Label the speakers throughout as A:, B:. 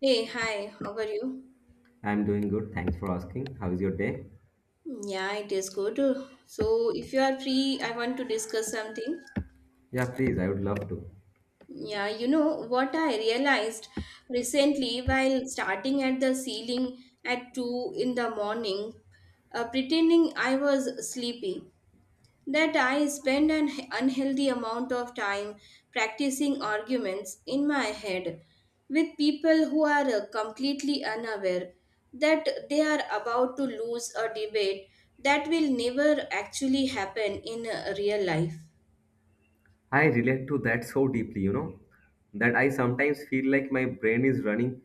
A: Hey, hi, how are you?
B: I'm doing good. Thanks for asking. How is your day?
A: Yeah, it is good. So, if you are free, I want to discuss something.
B: Yeah, please. I would love to.
A: Yeah, you know what I realized recently while starting at the ceiling at 2 in the morning, pretending I was sleepy, that I spend an unhealthy amount of time practicing arguments in my head with people who are completely unaware that they are about to lose a debate that will never actually happen in real life.
B: I relate to that so deeply, that I sometimes feel like my brain is running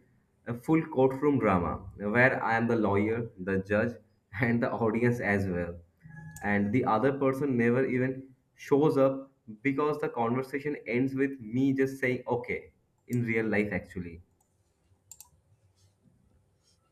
B: a full courtroom drama where I am the lawyer, the judge, and the audience as well. And the other person never even shows up because the conversation ends with me just saying, okay, in real life, actually.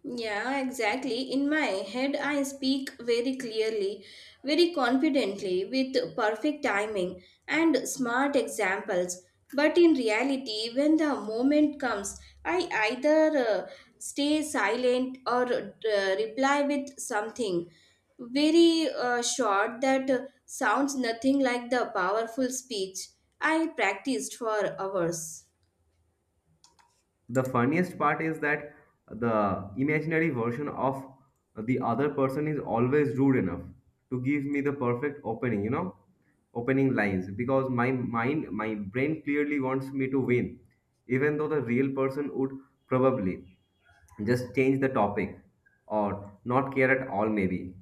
A: Yeah, exactly. In my head, I speak very clearly, very confidently, with perfect timing and smart examples. But in reality, when the moment comes, I either stay silent or reply with something very short that sounds nothing like the powerful speech I practiced for hours.
B: The funniest part is that the imaginary version of the other person is always rude enough to give me the perfect opening you know opening lines, because my brain clearly wants me to win, even though the real person would probably just change the topic or not care at all maybe.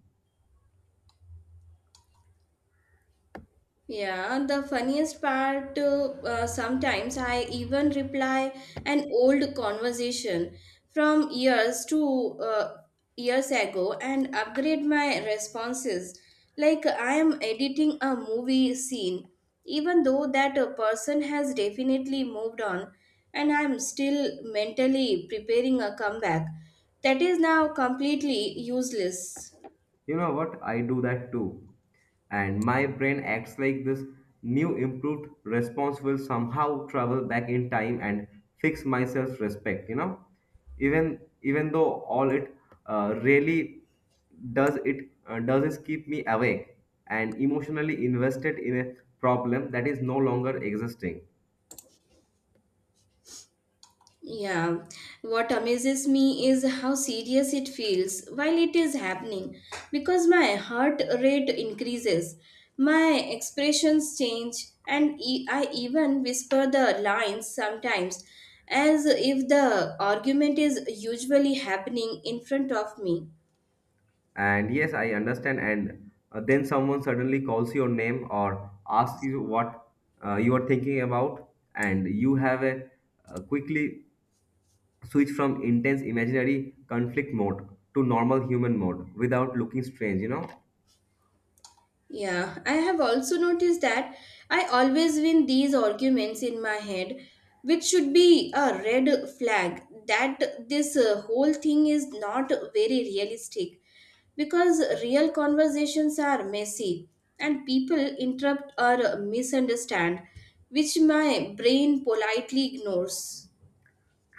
A: Yeah, the funniest part, sometimes I even reply an old conversation from years ago and upgrade my responses. Like I am editing a movie scene, even though that a person has definitely moved on, and I'm still mentally preparing a comeback that is now completely useless.
B: You know what? I do that too. And my brain acts like this new improved response will somehow travel back in time and fix my self respect, you know? Even though all it really does is keep me awake and emotionally invested in a problem that is no longer existing.
A: Yeah, what amazes me is how serious it feels while it is happening because my heart rate increases, my expressions change, and I even whisper the lines sometimes as if the argument is usually happening in front of me.
B: And yes, I understand. And then someone suddenly calls your name or asks you what you are thinking about, and you have a quickly switch from intense imaginary conflict mode to normal human mode without looking strange.
A: Yeah, I have also noticed that I always win these arguments in my head, which should be a red flag that this whole thing is not very realistic because real conversations are messy and people interrupt or misunderstand, which my brain politely ignores.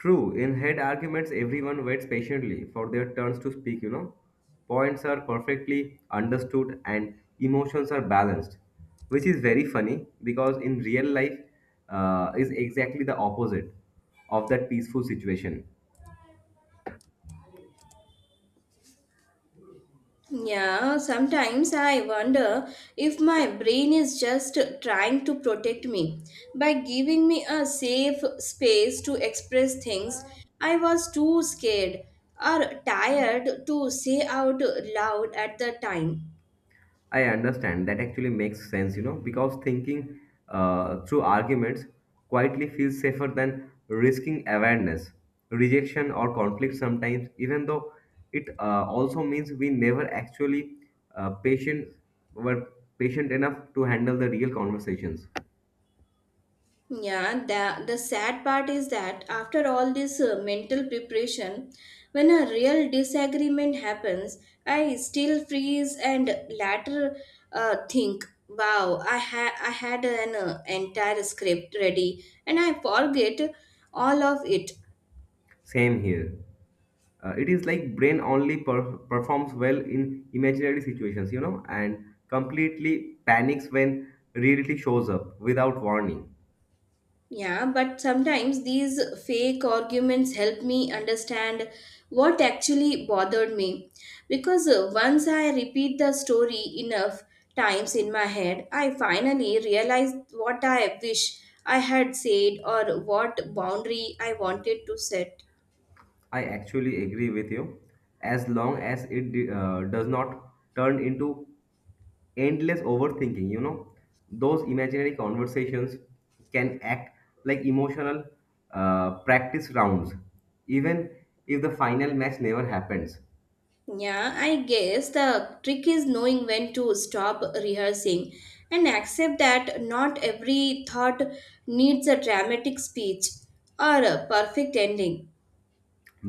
B: True, in head arguments, everyone waits patiently for their turns to speak. Points are perfectly understood and emotions are balanced, which is very funny because in real life is exactly the opposite of that peaceful situation.
A: Yeah, sometimes I wonder if my brain is just trying to protect me by giving me a safe space to express things I was too scared or tired to say out loud at the time.
B: I understand. That actually makes sense, because thinking through arguments quietly feels safer than risking awareness, rejection, or conflict sometimes, even though it also means we never actually uh, patient were patient enough to handle the real conversations.
A: Yeah, the sad part is that after all this mental preparation, when a real disagreement happens, I still freeze and later think, wow, I had an entire script ready and I forget all of it.
B: Same here. It is like brain only performs well in imaginary situations, and completely panics when reality shows up without warning.
A: Yeah, but sometimes these fake arguments help me understand what actually bothered me. Because once I repeat the story enough times in my head, I finally realize what I wish I had said or what boundary I wanted to set.
B: I actually agree with you. As long as it does not turn into endless overthinking, those imaginary conversations can act like emotional practice rounds, even if the final match never happens.
A: Yeah, I guess the trick is knowing when to stop rehearsing and accept that not every thought needs a dramatic speech or a perfect ending.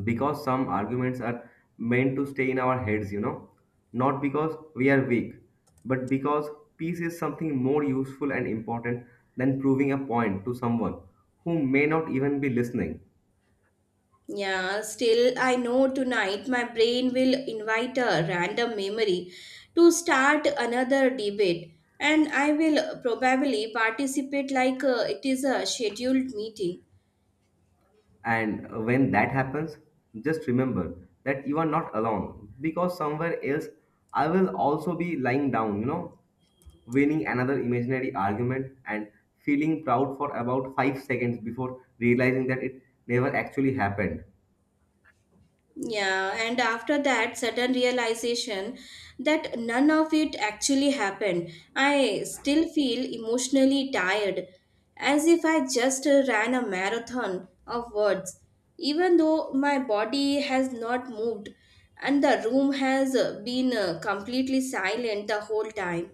B: Because some arguments are meant to stay in our heads, not because we are weak, but because peace is something more useful and important than proving a point to someone who may not even be listening.
A: Yeah, still, I know tonight my brain will invite a random memory to start another debate, and I will probably participate like it is a scheduled meeting.
B: And when that happens, just remember that you are not alone because somewhere else I will also be lying down, winning another imaginary argument and feeling proud for about 5 seconds before realizing that it never actually happened.
A: Yeah, and after that sudden realization that none of it actually happened, I still feel emotionally tired, as if I just ran a marathon of words, even though my body has not moved and the room has been completely silent the whole time.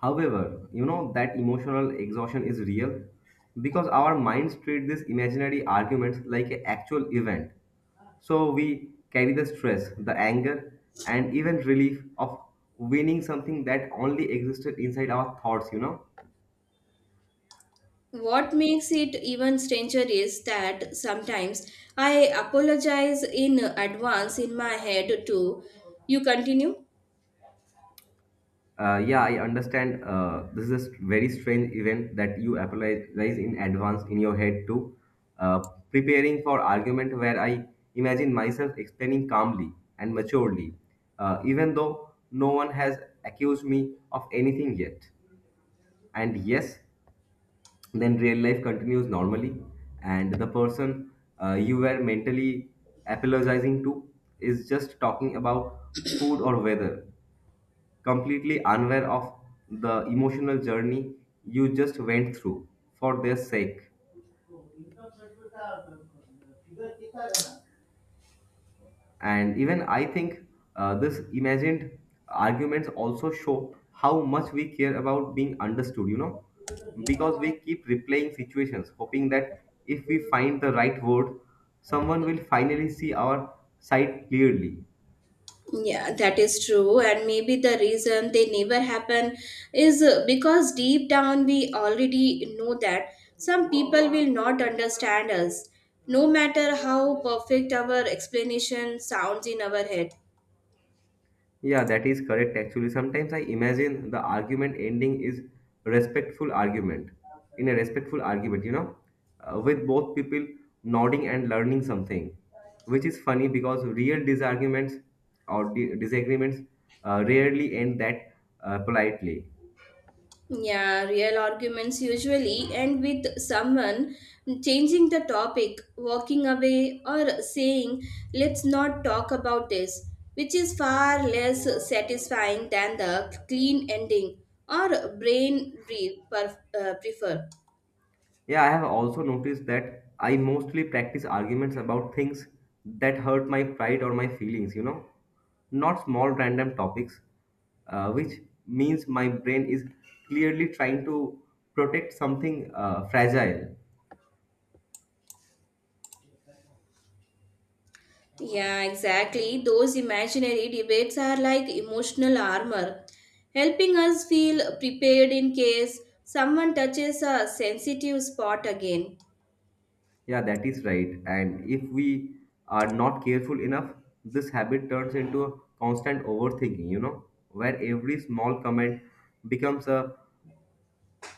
B: However, that emotional exhaustion is real because our minds treat these imaginary arguments like an actual event. So we carry the stress, the anger, and even relief of winning something that only existed inside our thoughts.
A: What makes it even stranger is that sometimes I apologize in advance in my head too. You continue?
B: Yeah, I understand. This is a very strange event that you apologize in advance in your head to uh, preparing for argument where I imagine myself explaining calmly and maturely, even though no one has accused me of anything yet. And yes, then real life continues normally and the person you were mentally apologizing to is just talking about food or weather completely unaware of the emotional journey you just went through for their sake. And even I think this imagined arguments also show how much we care about being understood, because we keep replaying situations, hoping that if we find the right word, someone will finally see our side clearly.
A: Yeah, that is true. And maybe the reason they never happen is because deep down we already know that some people will not understand us, no matter how perfect our explanation sounds in our head.
B: Yeah, that is correct actually. Sometimes I imagine the argument ending is respectful argument. In a respectful argument, with both people nodding and learning something, which is funny because real disagreements rarely end that politely.
A: Yeah, real arguments usually end with someone changing the topic, walking away, or saying, let's not talk about this, which is far less satisfying than the clean ending or brain breathe prefer.
B: Yeah, I have also noticed that I mostly practice arguments about things that hurt my pride or my feelings, not small random topics, which means my brain is clearly trying to protect something fragile.
A: Yeah, exactly. Those imaginary debates are like emotional armor, helping us feel prepared in case someone touches a sensitive spot again.
B: Yeah, that is right. And if we are not careful enough, this habit turns into a constant overthinking, where every small comment becomes a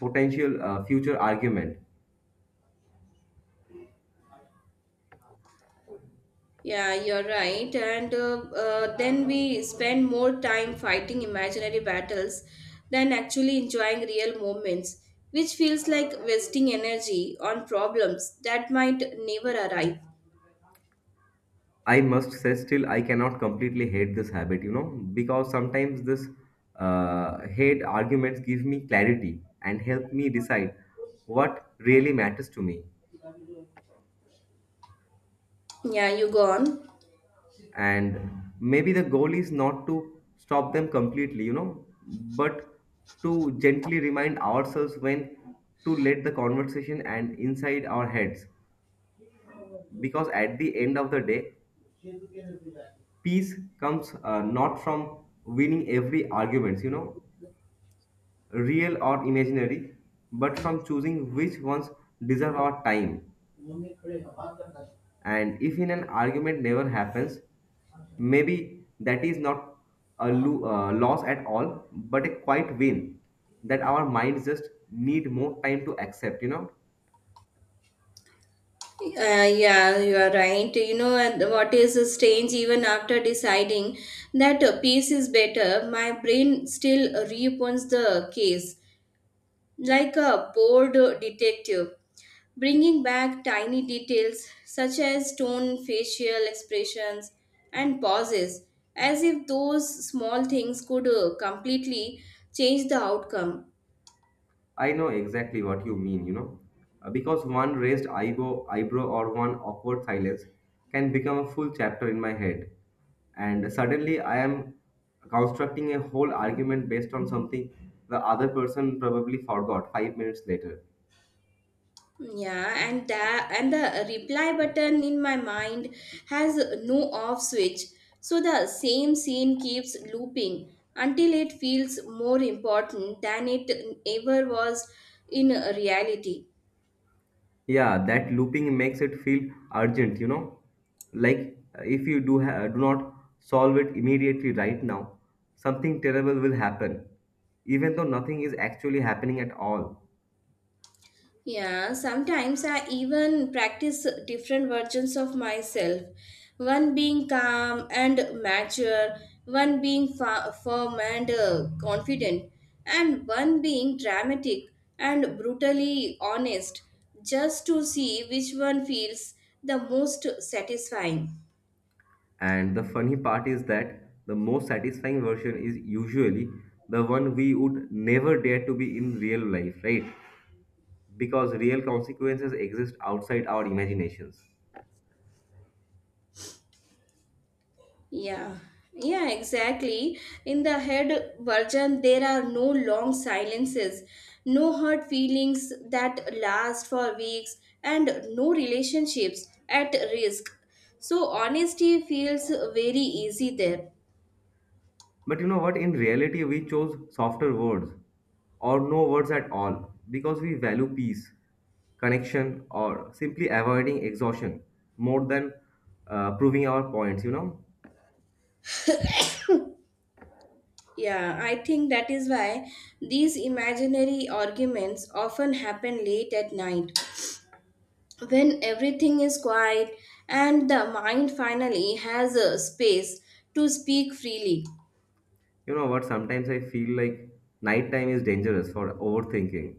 B: potential future argument.
A: Yeah, you're right. And then we spend more time fighting imaginary battles than actually enjoying real moments, which feels like wasting energy on problems that might never arrive.
B: I must say, still, I cannot completely hate this habit, because sometimes this hate arguments give me clarity and help me decide what really matters to me.
A: Yeah, you go on.
B: And maybe the goal is not to stop them completely, but to gently remind ourselves when to let the conversation and inside our heads. Because at the end of the day, peace comes not from winning every arguments, real or imaginary, but from choosing which ones deserve our time. And if in an argument never happens, maybe that is not a loss at all, but a quiet win that our minds just need more time to accept.
A: Yeah, you are right. You know, and what is strange, even after deciding that a piece is better, my brain still reopens the case like a bored detective bringing back tiny details such as tone, facial expressions, and pauses, as if those small things could completely change the outcome.
B: I know exactly what you mean, because one raised eyebrow or one awkward silence can become a full chapter in my head. And suddenly I am constructing a whole argument based on something the other person probably forgot 5 minutes later.
A: Yeah, and the reply button in my mind has no off switch, so the same scene keeps looping until it feels more important than it ever was in reality.
B: Yeah, that looping makes it feel urgent. Like if you do do not solve it immediately right now, something terrible will happen, even though nothing is actually happening at all.
A: Yeah, sometimes I even practice different versions of myself. One being calm and mature, one being firm and confident, and one being dramatic and brutally honest, just to see which one feels the most satisfying.
B: And the funny part is that the most satisfying version is usually the one we would never dare to be in real life, right? Because real consequences exist outside our imaginations.
A: Yeah, yeah, exactly. In the head version, there are no long silences, no hurt feelings that last for weeks, and no relationships at risk. So, honesty feels very easy there.
B: But you know what? In reality, we chose softer words or no words at all because we value peace, connection, or simply avoiding exhaustion more than proving our points, you know?
A: Yeah, I think that is why these imaginary arguments often happen late at night when everything is quiet and the mind finally has a space to speak freely.
B: You know what? Sometimes I feel like nighttime is dangerous for overthinking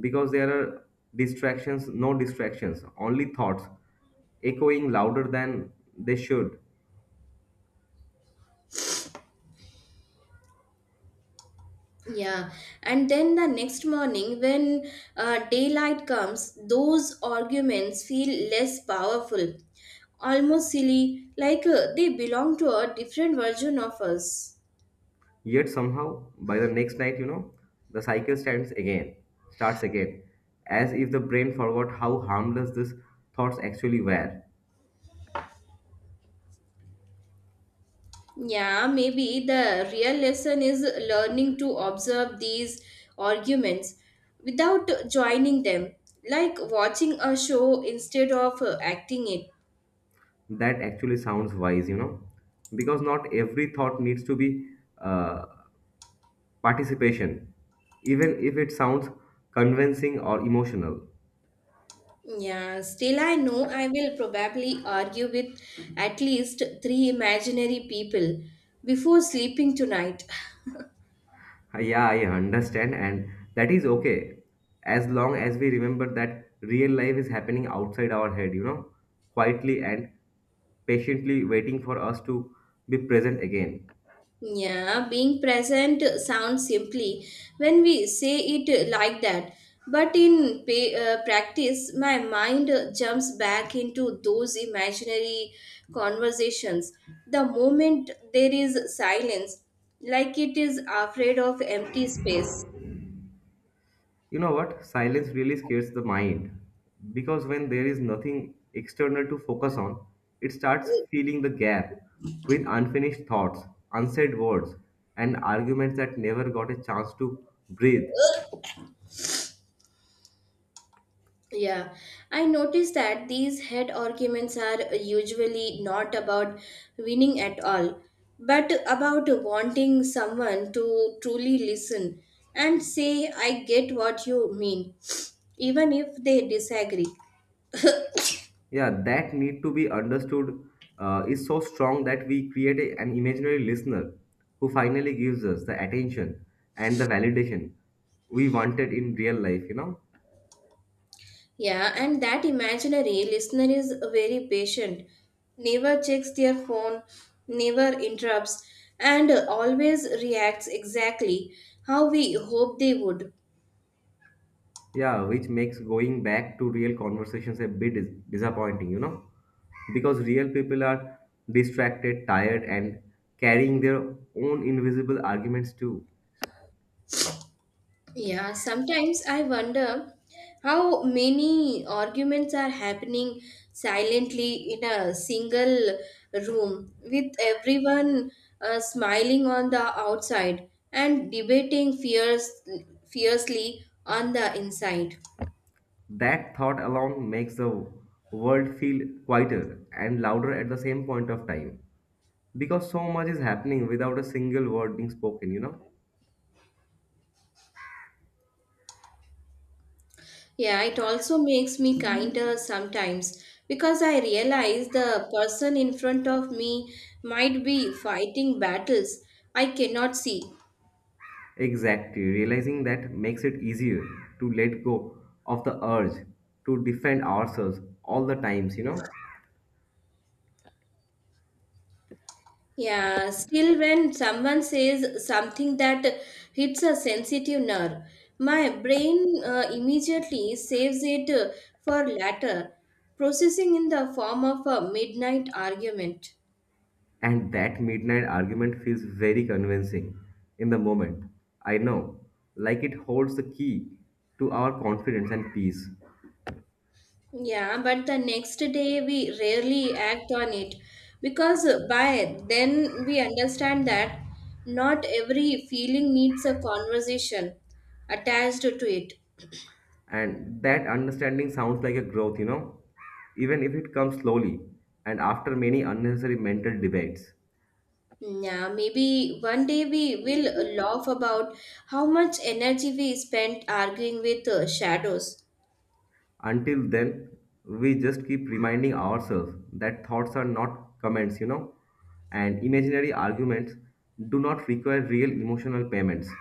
B: because there are distractions, no distractions, only thoughts echoing louder than they should.
A: Yeah, and then the next morning, when daylight comes, those arguments feel less powerful, almost silly, like they belong to a different version of us.
B: Yet somehow, by the next night, the cycle starts again, as if the brain forgot how harmless these thoughts actually were.
A: Yeah, maybe the real lesson is learning to observe these arguments without joining them, like watching a show instead of acting it.
B: That actually sounds wise, because not every thought needs to be uh, participation, even if it sounds convincing or emotional.
A: Yeah, still, I know I will probably argue with at least three imaginary people before sleeping tonight.
B: Yeah, I understand, and that is okay as long as we remember that real life is happening outside our head, quietly and patiently waiting for us to be present again.
A: Yeah, being present sounds simply when we say it like that, but in practice, my mind jumps back into those imaginary conversations the moment there is silence, like it is afraid of empty space.
B: You know what? Silence really scares the mind because when there is nothing external to focus on, it starts filling the gap with unfinished thoughts, unsaid words, and arguments that never got a chance to breathe.
A: Yeah, I noticed that these head arguments are usually not about winning at all, but about wanting someone to truly listen and say, I get what you mean, even if they disagree.
B: Yeah, that need to be understood is so strong that we create an imaginary listener who finally gives us the attention and the validation we wanted in real life.
A: Yeah, and that imaginary listener is very patient, never checks their phone, never interrupts, and always reacts exactly how we hope they would.
B: Yeah, which makes going back to real conversations a bit disappointing because real people are distracted tired and carrying their own invisible arguments too.
A: Yeah, sometimes I wonder how many arguments are happening silently in a single room with everyone smiling on the outside and debating fiercely on the inside.
B: That thought alone makes the world feel quieter and louder at the same point of time because so much is happening without a single word being spoken.
A: Yeah, it also makes me kinder sometimes because I realize the person in front of me might be fighting battles I cannot see.
B: Exactly, realizing that makes it easier to let go of the urge to defend ourselves all the times.
A: Yeah, still, when someone says something that hits a sensitive nerve, my brain immediately saves it for later, processing in the form of a midnight argument.
B: And that midnight argument feels very convincing in the moment, I know, like it holds the key to our confidence and peace.
A: Yeah, but the next day we rarely act on it because by then we understand that not every feeling needs a conversation attached to it.
B: And that understanding sounds like a growth even if it comes slowly and after many unnecessary mental debates.
A: Yeah, maybe one day we will laugh about how much energy we spent arguing with shadows.
B: Until then, we just keep reminding ourselves that thoughts are not comments, and imaginary arguments do not require real emotional payments.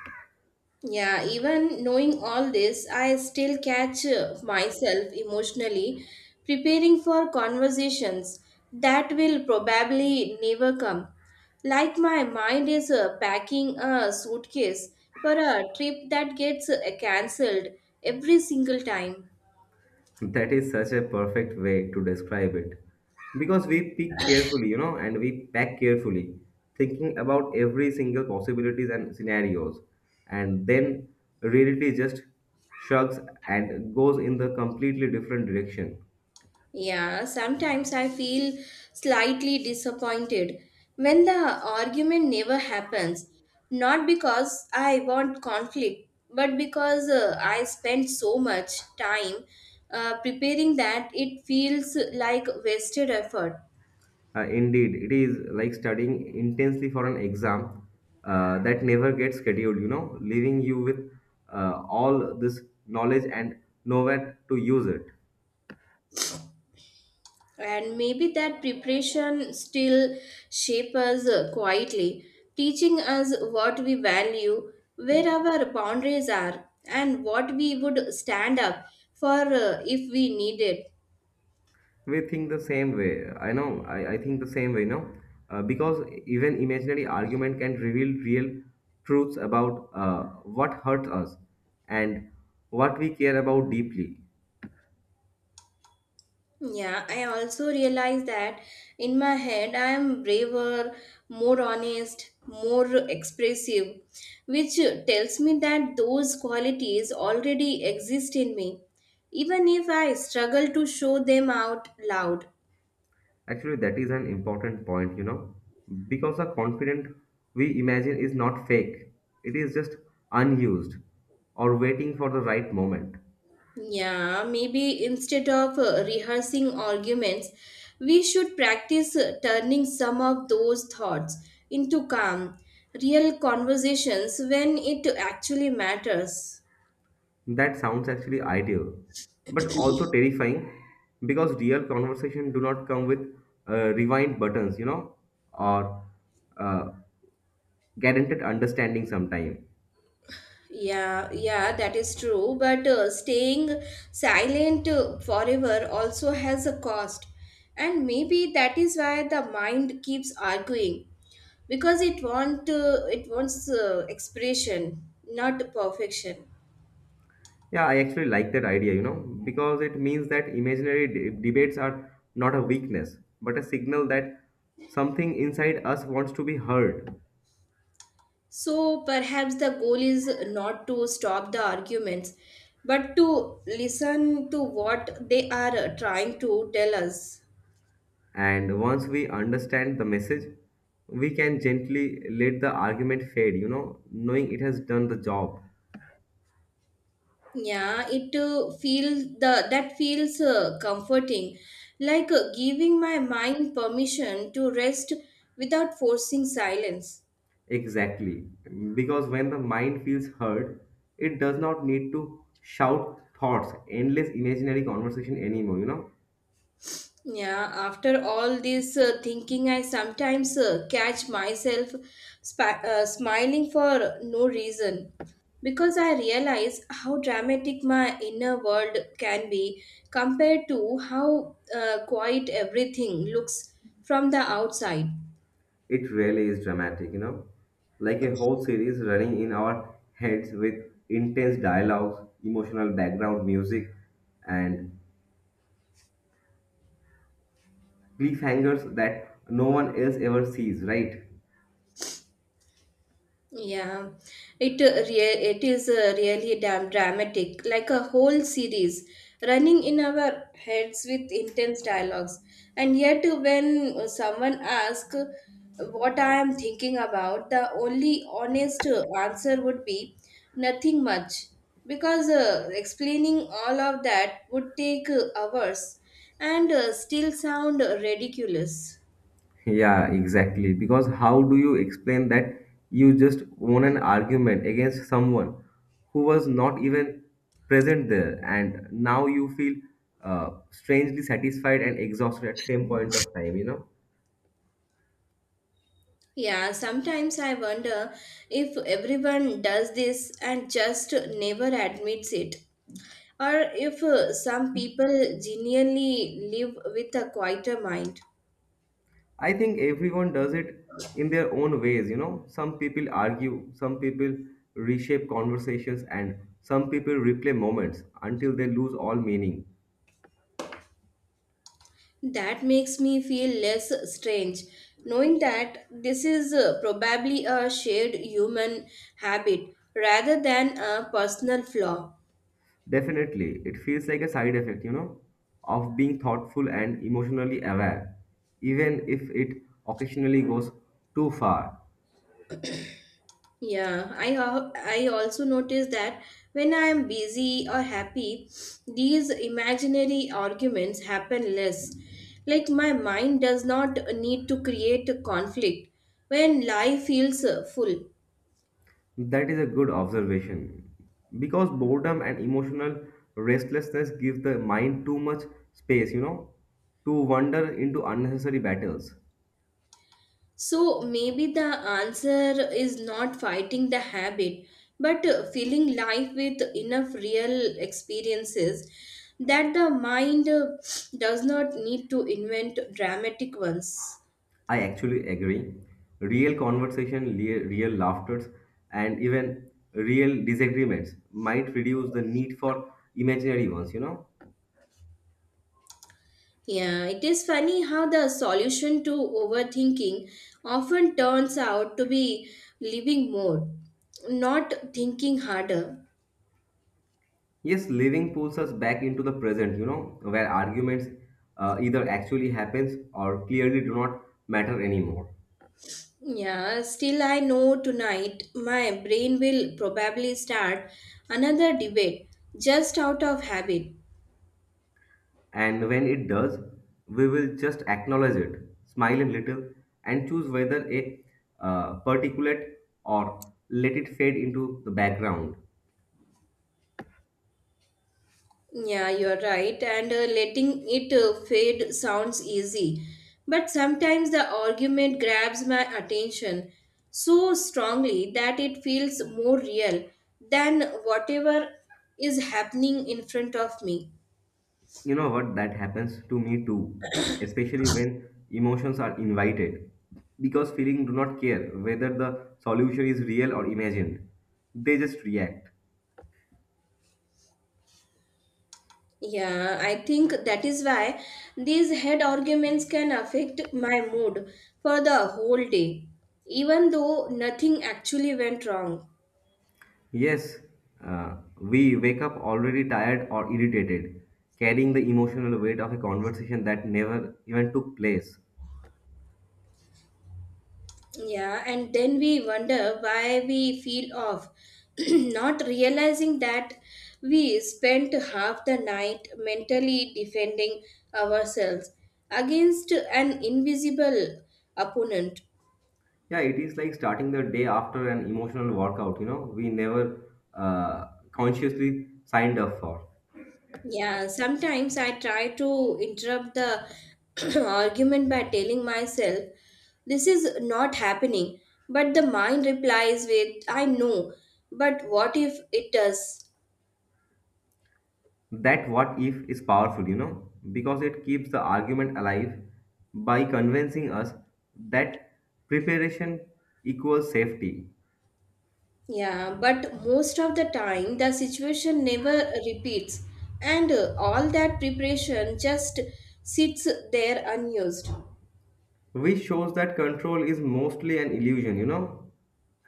A: Yeah, even knowing all this, I still catch myself emotionally preparing for conversations that will probably never come. Like my mind is packing a suitcase for a trip that gets cancelled every single time.
B: That is such a perfect way to describe it. Because we pick carefully, and we pack carefully, thinking about every single possibilities and scenarios. And then reality just shrugs and goes in the completely different direction.
A: Yeah, sometimes I feel slightly disappointed when the argument never happens. Not because I want conflict, but because I spent so much time preparing that it feels like wasted effort.
B: Indeed, it is like studying intensely for an exam that never gets scheduled, leaving you with all this knowledge and nowhere to use it.
A: And maybe that preparation still shapes us quietly, teaching us what we value, where our boundaries are, and what we would stand up for if we need it.
B: We think the same way. I know, I think the same way, No, know, because even imaginary argument can reveal real truths about what hurts us and what we care about deeply.
A: Yeah, I also realize that in my head I am braver, more honest, more expressive, which tells me that those qualities already exist in me, even if I struggle to show them out loud.
B: Actually, that is an important point, because the confident we imagine is not fake, it is just unused or waiting for the right moment.
A: Yeah, maybe instead of rehearsing arguments, we should practice turning some of those thoughts into calm, real conversations when it actually matters.
B: That sounds actually ideal, but also terrifying because real conversation do not come with rewind buttons, or uh, guaranteed understanding sometime.
A: Yeah, yeah, that is true. But staying silent forever also has a cost. And maybe that is why the mind keeps arguing because it wants expression, not perfection.
B: Yeah, I actually like that idea, because it means that imaginary debates are not a weakness, but a signal that something inside us wants to be heard.
A: So perhaps the goal is not to stop the arguments, but to listen to what they are trying to tell us.
B: And once we understand the message, we can gently let the argument fade, knowing it has done the job.
A: Yeah, it feels the that feels comforting, like giving my mind permission to rest without forcing silence.
B: Exactly. Because when the mind feels heard, it does not need to shout thoughts, endless imaginary conversation anymore.
A: Yeah, after all this thinking, I sometimes catch myself smiling for no reason because I realize how dramatic my inner world can be compared to how quiet everything looks from the outside.
B: It really is dramatic, like a whole series running in our heads with intense dialogues, emotional background music, and cliffhangers that no one else ever sees, right?
A: Yeah, it is really damn dramatic, like a whole series running in our heads with intense dialogues. And yet, when someone asks what I am thinking about, the only honest answer would be nothing much, because explaining all of that would take hours and still sound ridiculous.
B: Yeah, exactly. Because how do you explain that you just won an argument against someone who was not even present there, and now you feel strangely satisfied and exhausted at same point of time, you know?
A: Yeah, sometimes I wonder if everyone does this and just never admits it, or if some people genuinely live with a quieter mind.
B: I think everyone does it in their own ways. Some people argue, some people reshape conversations, and some people replay moments until they lose all meaning.
A: That makes me feel less strange, knowing that this is probably a shared human habit rather than a personal flaw.
B: Definitely, it feels like a side effect, of being thoughtful and emotionally aware, even if it occasionally goes too far.
A: Yeah, I also notice that when I am busy or happy, these imaginary arguments happen less. Like my mind does not need to create a conflict when life feels full.
B: That is a good observation. Because boredom and emotional restlessness give the mind too much space, to wander into unnecessary battles.
A: So maybe the answer is not fighting the habit, but filling life with enough real experiences that the mind does not need to invent dramatic ones.
B: I actually agree. Real conversation, real laughters, and even real disagreements might reduce the need for imaginary ones.
A: Yeah, it is funny how the solution to overthinking often turns out to be living more, not thinking harder.
B: Yes, living pulls us back into the present, where arguments either actually happens or clearly do not matter anymore.
A: Yeah, still, I know tonight my brain will probably start another debate just out of habit.
B: And when it does, we will just acknowledge it, smile a little, and choose whether a particulate or let it fade into the background.
A: Yeah, you're right. And letting it fade sounds easy. But sometimes the argument grabs my attention so strongly that it feels more real than whatever is happening in front of me.
B: You know what? That happens to me too, especially when emotions are invited. Because feeling do not care whether the solution is real or imagined. They just react.
A: Yeah, I think that is why these head arguments can affect my mood for the whole day, even though nothing actually went wrong.
B: Yes, we wake up already tired or irritated, carrying the emotional weight of a conversation that never even took place.
A: Yeah, and then we wonder why we feel off, not realizing that we spent half the night mentally defending ourselves against an invisible opponent.
B: Yeah, it is like starting the day after an emotional workout, we never consciously signed up for.
A: Yeah, sometimes I try to interrupt the argument by telling myself, this is not happening. But the mind replies with, I know, but what if it does?
B: That what if is powerful, because it keeps the argument alive by convincing us that preparation equals safety,
A: Yeah, but most of the time the situation never repeats, and all that preparation just sits there unused.
B: which shows that control is mostly an illusion,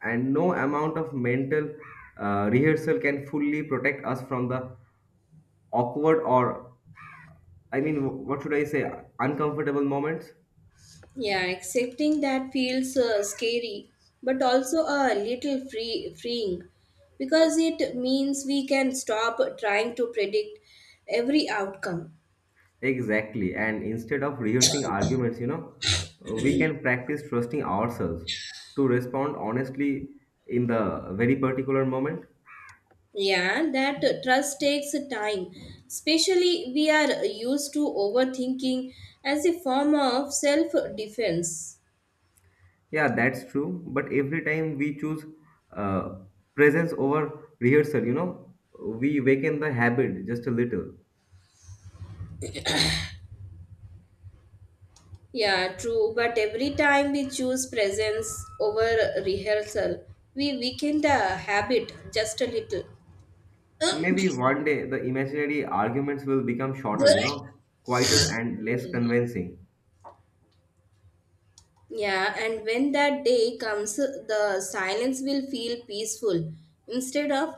B: and no amount of mental rehearsal can fully protect us from the awkward or, I mean, what should I say, uncomfortable moments.
A: Yeah, accepting that feels scary, but also a little freeing, because it means we can stop trying to predict every outcome.
B: Exactly. And instead of rehearsing arguments, we can practice trusting ourselves to respond honestly in the very particular moment.
A: Yeah, that trust takes time. Especially, we are used to overthinking as a form of self defense.
B: Yeah, that's true. But every time we choose uh, presence over rehearsal, we waken the habit just a little.
A: Yeah, true. But every time we choose presence over rehearsal, we weaken the habit just a little.
B: Maybe one day the imaginary arguments will become shorter, quieter and less convincing.
A: Yeah, and when that day comes, the silence will feel peaceful instead of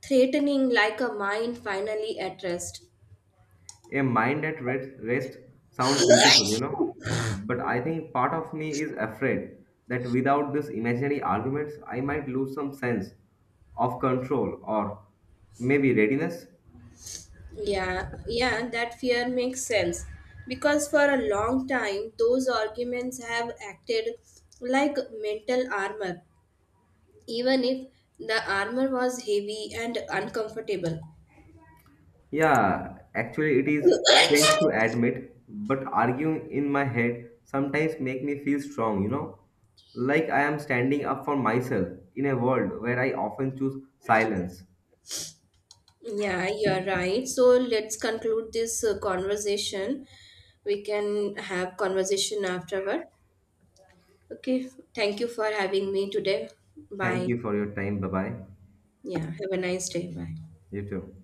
A: threatening like a mind finally at rest.
B: A mind at rest sound beautiful. But I think part of me is afraid that without these imaginary arguments, I might lose some sense of control or maybe readiness.
A: Yeah, yeah, that fear makes sense because for a long time those arguments have acted like mental armor even if the armor was heavy and uncomfortable.
B: Yeah, actually, it is strange to admit, but arguing in my head sometimes make me feel strong, like I am standing up for myself in a world where I often choose silence.
A: Yeah, you're right. So let's conclude this conversation. We can have conversation afterward. Okay, thank you for having me today.
B: Thank
A: Bye.
B: you for your time. Bye bye.
A: Yeah, have a nice day. Bye.
B: You too.